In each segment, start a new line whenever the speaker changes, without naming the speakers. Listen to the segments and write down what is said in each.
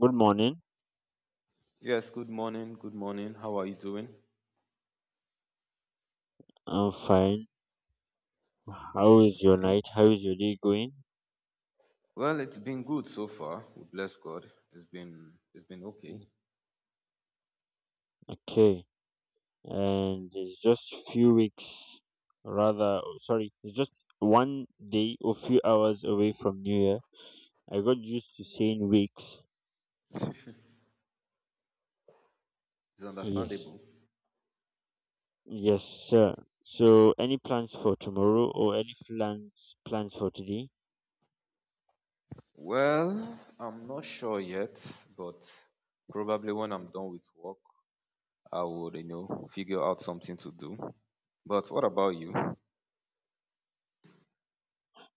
Good morning.
Yes, good morning. Good morning. How are you doing?
I'm fine. How is your
Okay,
night? How is your day going?
well, it's been good so far. We bless God. It's been okay.
Okay. And it's just few weeks, rather, oh, sorry, it's just one day or few hours away from New Year. I got used to saying weeks.
It's
Yes.
understandable.
Yes, sir. So, any plans for tomorrow or any plans for today?
Well, I'm not sure yet, but probably when I'm done with work, I would, you know, figure out something to do. But what about you?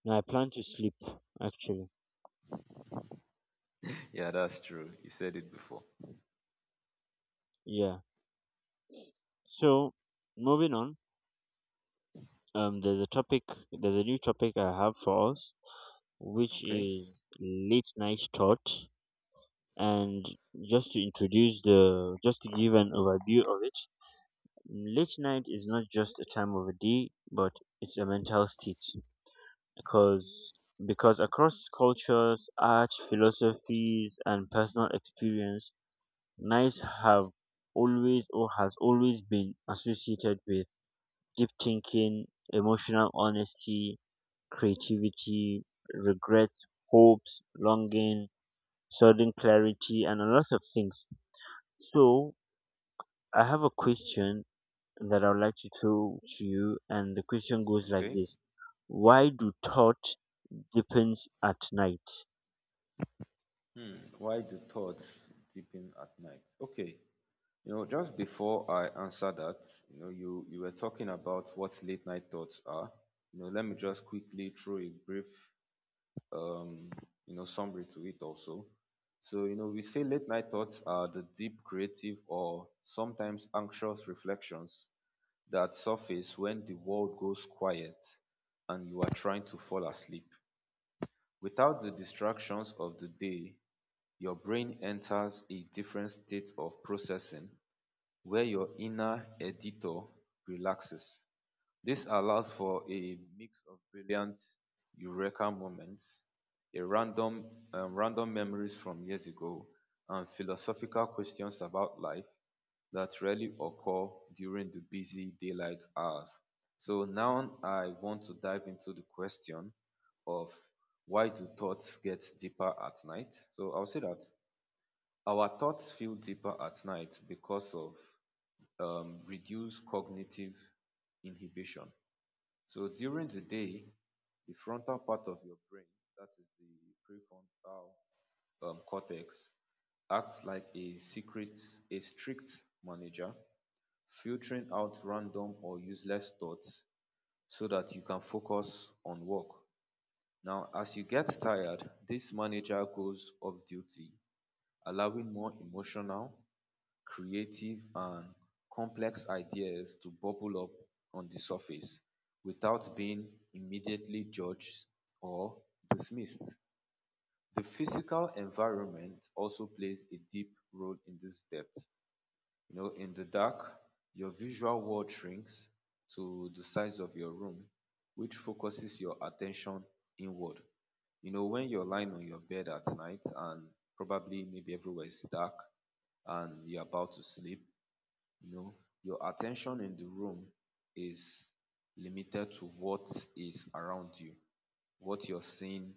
No, I plan to sleep actually.
Yeah, that's true. You said it before.
Yeah. So, moving on. There's a topic. There's a new topic I have for us, which
Okay.
is late night thought. And just to introduce the, just to give an overview of it, late night is not just a time of a day but it's a mental state, because across cultures, art, philosophies, and personal experience, nights have always, or has always been, associated with deep thinking, emotional honesty, creativity, regret, hopes, longing, sudden clarity, and a lot of things. So I have a question that I would like to throw to you, and the question goes like
Okay.
this: why do thought deepens at night?
Hmm. Why do thoughts deepen at night? Okay. You know, just before I answer that, you know, you were talking about what late night thoughts are. You know, let me just quickly throw a brief, um, you know, summary to it also. So, you know, we say late night thoughts are the deep, creative, or sometimes anxious reflections that surface when the world goes quiet and you are trying to fall asleep. Without the distractions of the day, your brain enters a different state of processing where your inner editor relaxes. This allows for a mix of brilliant eureka moments, a random random memories from years ago, and philosophical questions about life that rarely occur during the busy daylight hours. So now I want to dive into the question of, why do thoughts get deeper at night? So I'll say that our thoughts feel deeper at night because of reduce cognitive inhibition. So during the day, the frontal part of your brain, that is the prefrontal cortex, acts like a secret, a strict manager, filtering out random or useless thoughts so that you can focus on work. Now, as you get tired, this manager goes off duty, allowing more emotional, creative, and complex ideas to bubble up on the surface without being immediately judged or dismissed. The physical environment also plays a deep role in this depth. You know, in the dark, your visual world shrinks to the size of your room, which focuses your attention inward. You know, when you're lying on your bed at night and probably maybe everywhere is dark and you're about to sleep, you know, your attention in the room is limited to what is around you, what you're seeing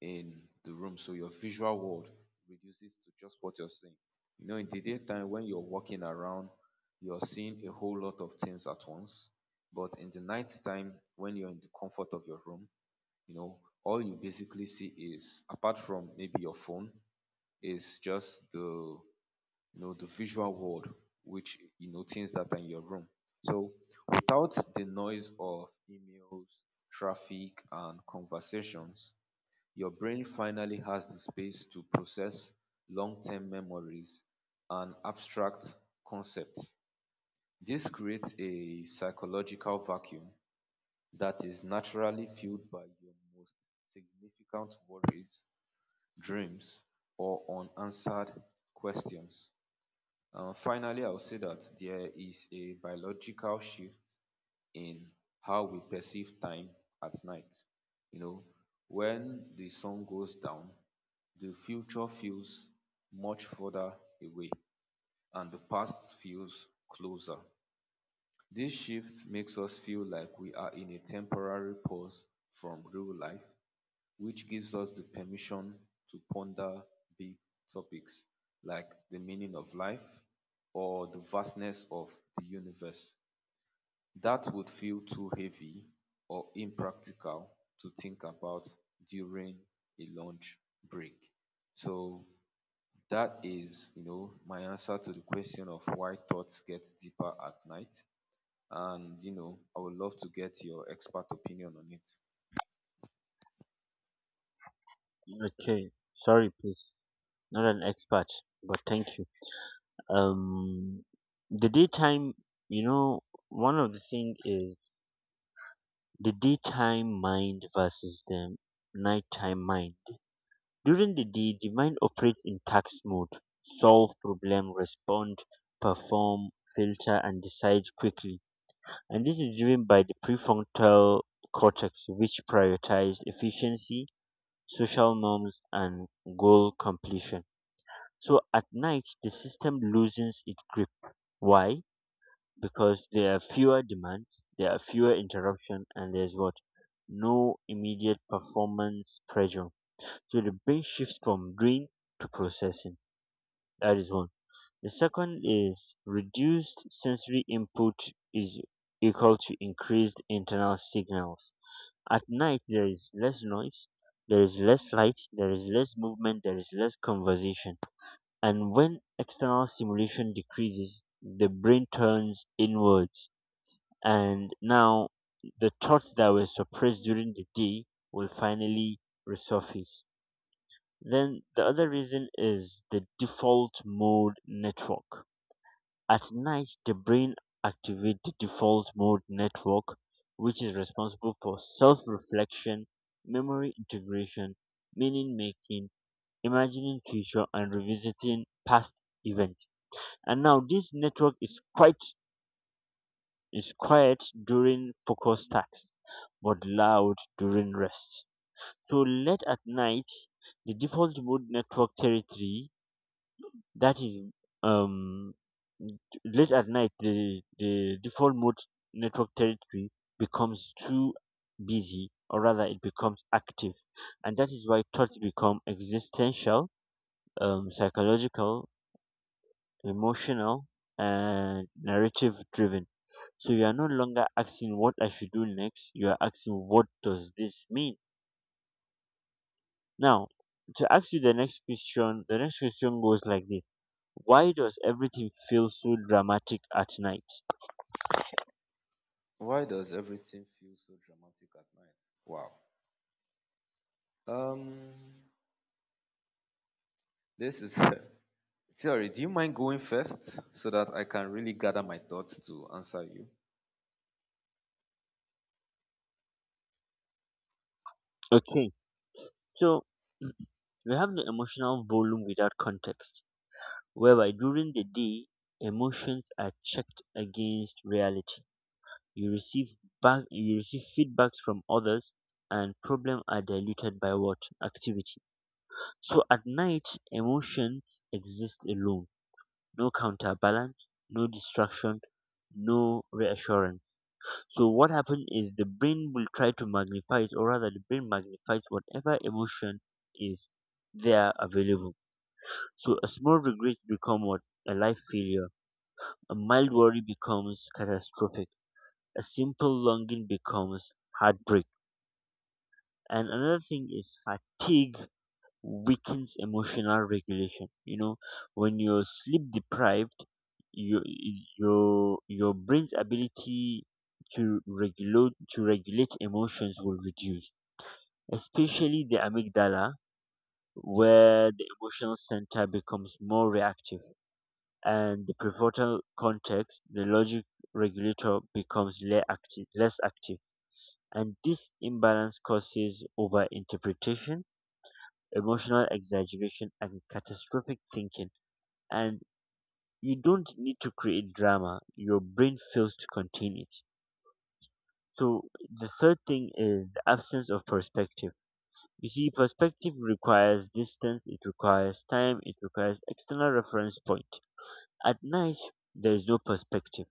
in the room. So your visual world reduces to just what you're seeing. You know, in the daytime, when you're walking around, you're seeing a whole lot of things at once. But in the night time, when you're in the comfort of your room, you know, all you basically see is, apart from maybe your phone, is just the, you know, the visual world, which, you know, things that are in your room. So without the noise of emails, traffic, and conversations, your brain finally has the space to process long-term memories and abstract concepts. This creates a psychological vacuum that is naturally filled by your most significant worries, dreams, or unanswered questions. Finally, I'll say that there is a biological shift in how we perceive time at night. You know, when the sun goes down, the future feels much further away and the past feels closer. This shift makes us feel like we are in a temporary pause from real life, which gives us the permission to ponder big topics like the meaning of life or the vastness of the universe, that would feel too heavy or impractical to think about during a lunch break. So that is, you know, my answer to the question of why thoughts get deeper at night. And, you know, I would love to get your expert opinion on it.
Okay, sorry, please. Not an expert, but thank you. Um, the daytime, you know, one of the thing is the daytime mind versus the nighttime mind. During the day, the mind operates in task mode: solve problem, respond, perform, filter, and decide quickly. And this is driven by the prefrontal cortex, which prioritizes efficiency, social norms, and goal completion. So at night, the system loosens its grip. Why? Because there are fewer demands, there are fewer interruptions, and there's what? No immediate performance pressure. So the brain shifts from doing to processing. That is one. The second is reduced sensory input is equal to increased internal signals. At night, there is less noise, there is less light, there is less movement, there is less conversation. And when external stimulation decreases, the brain turns inwards. And now the thoughts that were suppressed during the day will finally resurface. Then the other reason is the default mode network. At night, the brain activates the default mode network, which is responsible for self reflection, memory integration, meaning making, imagining future, and revisiting past events. And now, this network is quite is quiet during focus tasks, but loud during rest. So late at night, the default mode network territory, that is, um late at night, the default mode network territory becomes too busy, or rather, it becomes active, and that is why thoughts become existential, psychological, emotional, and narrative driven. So you are no longer asking what I should do next, you are asking what does this mean. Now, to ask you the next question, the next question goes like this: why does everything feel so dramatic at night?
Why does everything feel so dramatic at night? Wow. Um, this is theory. Do you mind going first so that I can really gather my thoughts to answer you?
Okay, so we have the emotional volume without context, whereby during the day emotions are checked against reality. You receive back, you receive feedbacks from others, and problems are diluted by what? Activity. So at night, emotions exist alone. No counterbalance, no distraction, no reassurance. So what happens is the brain will try to magnify it, or rather, the brain magnifies whatever emotion is there available. So a small regret becomes what? A life failure. A mild worry becomes catastrophic. A simple longing becomes heartbreak. And another thing is fatigue weakens emotional regulation. You know, when you're sleep deprived, your your brain's ability to regulate emotions will reduce, especially the amygdala, where the emotional center becomes more reactive and the prefrontal cortex, the logic regulator, becomes less active, and this imbalance causes overinterpretation, emotional exaggeration, and catastrophic thinking. And you don't need to create drama, your brain fails to contain it. So the third thing is the absence of perspective. You see, perspective requires distance, it requires time, it requires external reference point. At night, there is no perspective,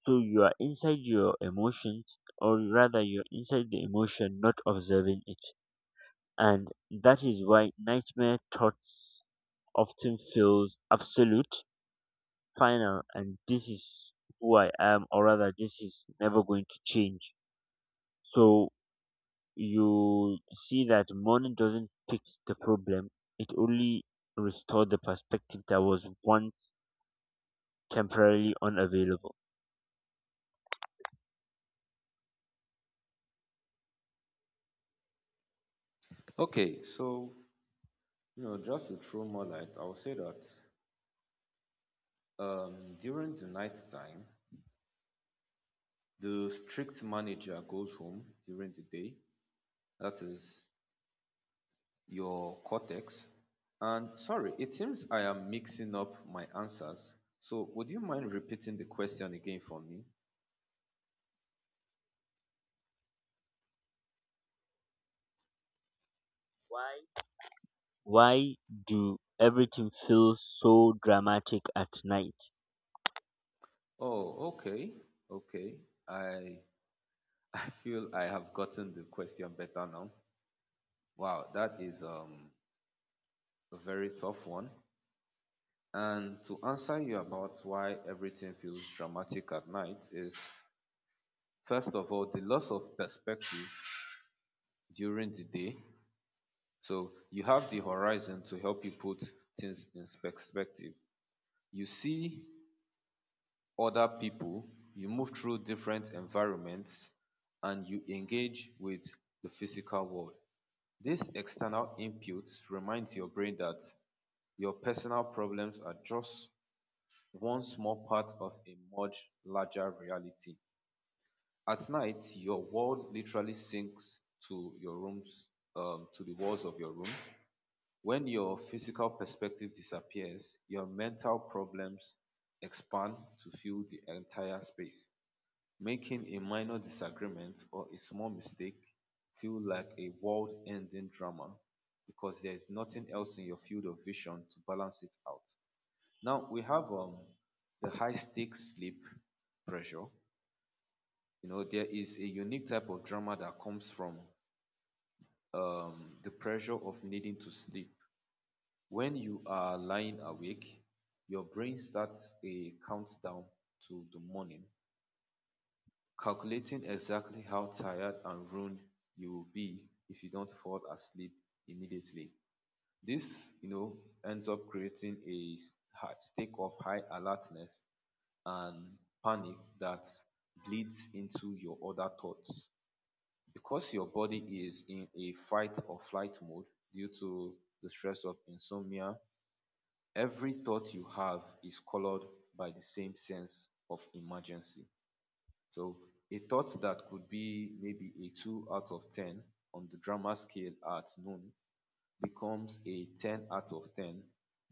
so you are inside your emotions, or rather, you're inside the emotion, not observing it. And that is why nightmare thoughts often feels absolute, final, and this is who I am, or rather, this is never going to change. So you see that money doesn't fix the problem, it only restores the perspective that was once temporarily unavailable.
Okay, so, you know, just to throw more light, I will say that during the night time, the strict manager goes home during the day. That is your cortex. And sorry, it seems I am mixing up my answers. So would you mind repeating the question again for me?
Why? Why do everything feel so dramatic at night?
Oh, okay. Okay. I I feel I have gotten the question better now. Wow, that is a very tough one. And to answer you about why everything feels dramatic at night is, first of all, the loss of perspective during the day. So you have the horizon to help you put things in perspective. You see other people, you move through different environments, and you engage with the physical world. These external inputs remind your brain that your personal problems are just one small part of a much larger reality. At night, your world literally sinks to your rooms, to the walls of your room. When your physical perspective disappears, your mental problems expand to fill the entire space, making a minor disagreement or a small mistake feel like a world-ending drama because there is nothing else in your field of vision to balance it out. Now we have the high stakes sleep pressure. You know, there is a unique type of drama that comes from the pressure of needing to sleep. When you are lying awake, your brain starts a countdown to the morning, calculating exactly how tired and ruined you will be if you don't fall asleep immediately. This, you know, ends up creating a state of high alertness and panic that bleeds into your other thoughts. Because your body is in a fight or flight mode due to the stress of insomnia, every thought you have is colored by the same sense of emergency. So a thought that could be maybe a 2 out of 10 on the drama scale at noon becomes a 10 out of 10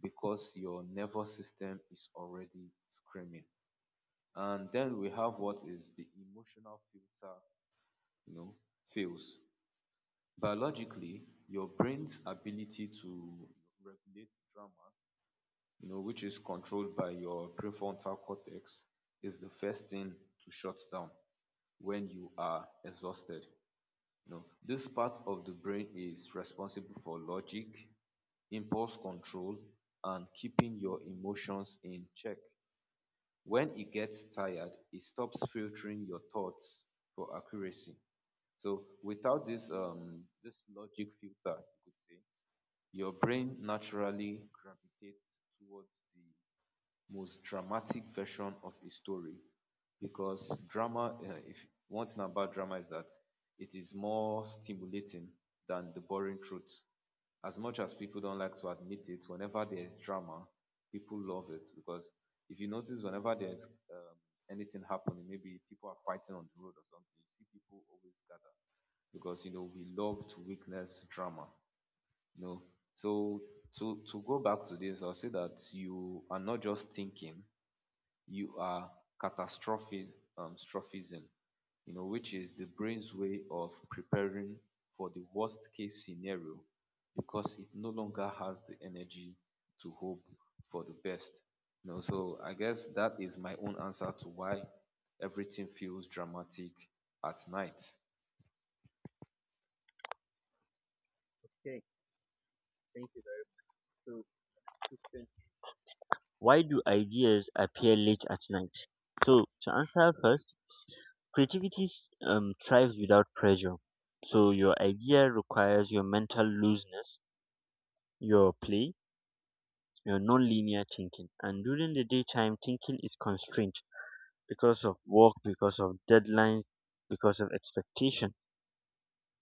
because your nervous system is already screaming. And then we have what is the emotional filter, you know, fails. Biologically, your brain's ability to regulate drama, you know, which is controlled by your prefrontal cortex, is the first thing to shut down when you are exhausted. No, this part of the brain is responsible for logic, impulse control, and keeping your emotions in check. When it gets tired, it stops filtering your thoughts for accuracy. So without this logic filter, you could say your brain naturally gravitates towards the most dramatic version of a story because drama, if one thing about drama is that it is more stimulating than the boring truth. As much as people don't like to admit it, whenever there is drama, people love it because if you notice, whenever there's um, anything happening, maybe people are fighting on the road or something, you see people always gather because, you know, we love to witness drama. You know, so to go back to this, I'll say that you are not just thinking, you are catastrophic, strophism, you know, which is the brain's way of preparing for the worst case scenario because it no longer has the energy to hope for the best. You know, so I guess that is my own answer to why everything feels dramatic at night.
Okay, thank you very much. So, question: why do ideas appear late at night? So, to answer first, creativity thrives without pressure. So your idea requires your mental looseness, your play, your non-linear thinking. And during the daytime, thinking is constrained because of work, because of deadlines, because of expectation.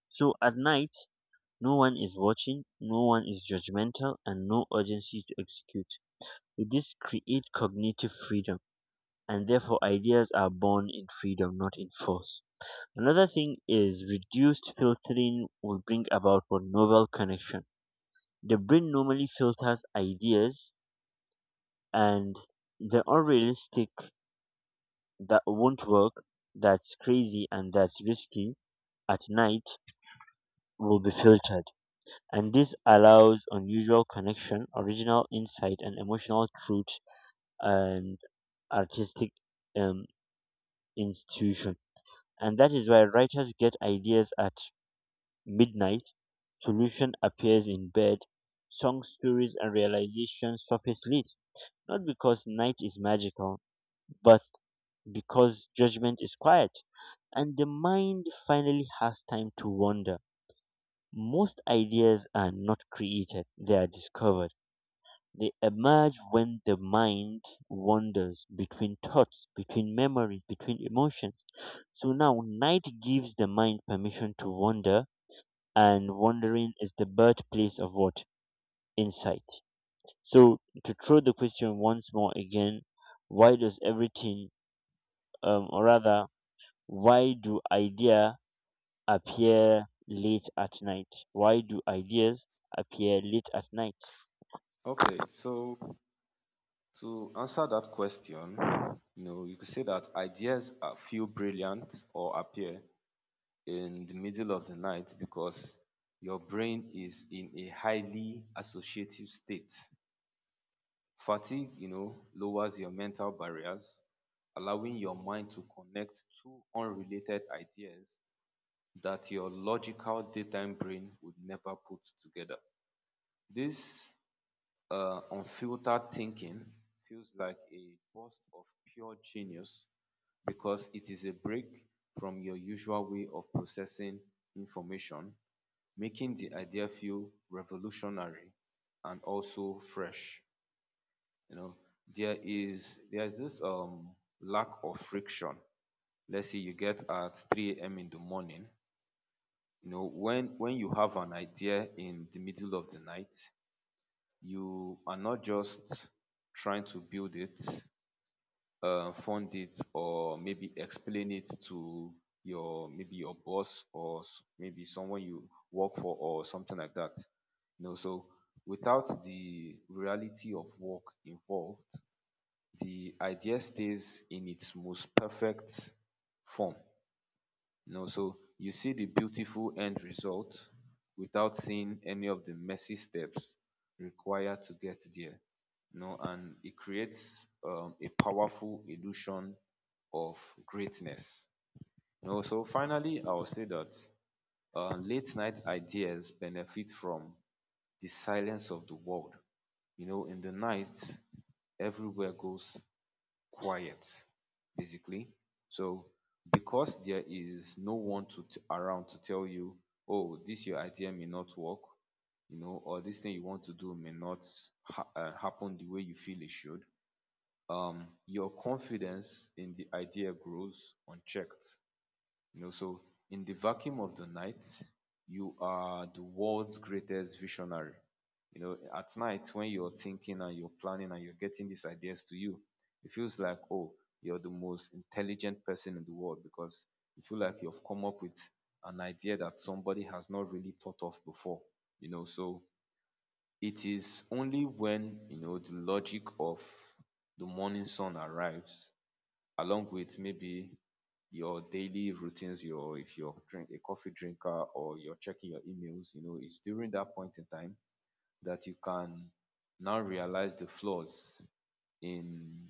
So at night, no one is watching, no one is judgmental, and no urgency to execute. This create cognitive freedom, and therefore ideas are born in freedom, not in force. Another thing is reduced filtering will bring about for novel connection. The brain normally filters ideas, and the unrealistic, that won't work, that's crazy, and that's risky, at night will be filtered. And this allows unusual connection, original insight, and emotional truth, and artistic um, institution. And that is why writers get ideas at midnight, solution appears in bed, song stories and realizations surface lit, not because night is magical, but because judgment is quiet, and the mind finally has time to wander. Most ideas are not created, they are discovered. They emerge when the mind wanders between thoughts, between memories, between emotions. So now, night gives the mind permission to wander, and wondering is the birthplace of what? Insight. So, to throw the question once more again, why does everything, or rather, why do idea appear late at night? Why do ideas appear late at night?
Okay, so to answer that question, you know, you could say that ideas are, feel brilliant or appear in the middle of the night because your brain is in a highly associative state. Fatigue, you know, lowers your mental barriers, allowing your mind to connect two unrelated ideas that your logical daytime brain would never put together. This unfiltered thinking feels like a burst of pure genius because it is a break from your usual way of processing information, making the idea feel revolutionary and also fresh. You know, there's this lack of friction. Let's say you get at 3 a.m. in the morning. You know, when you have an idea in the middle of the night, you are not just trying to build it, fund it, or maybe explain it to your maybe your boss or maybe someone you work for or something like that. You know, so without the reality of work involved, the idea stays in its most perfect form. You know, so you see the beautiful end result without seeing any of the messy steps required to get there. You know, and it creates a powerful illusion of greatness. You know, so finally, I will say that late night ideas benefit from the silence of the world. You know, in the night, everywhere goes quiet basically. So because there is no one to around to tell you, oh, this your idea may not work, you know, or this thing you want to do may not happen the way you feel it should. Your confidence in the idea grows unchecked, you know, so in the vacuum of the night, you are the world's greatest visionary. You know, at night when you're thinking and you're planning and you're getting these ideas to you, it feels like, oh, you're the most intelligent person in the world because you feel like you've come up with an idea that somebody has not really thought of before. You know, so it is only when, you know, the logic of the morning sun arrives, along with maybe your daily routines, your if you're drink a coffee drinker or you're checking your emails, you know, it's during that point in time that you can now realize the flaws in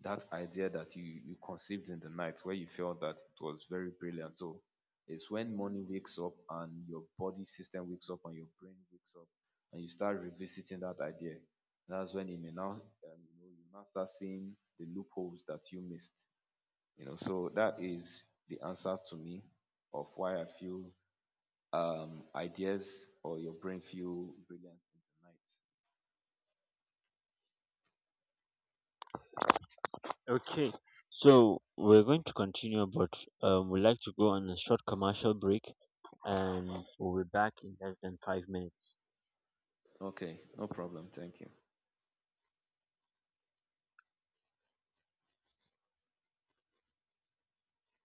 that idea that you conceived in the night where you felt that it was very brilliant. So it's when morning wakes up and your body system wakes up and your brain wakes up and you start revisiting that idea. That's when you may now you know, you now start seeing the loopholes that you missed, you know, so that is the answer to me of why I feel ideas or your brain feel brilliant in the night.
Okay, so we're going to continue, but we'd like to go on a short commercial break and we'll be back in less than 5 minutes.
Okay, no problem. Thank you.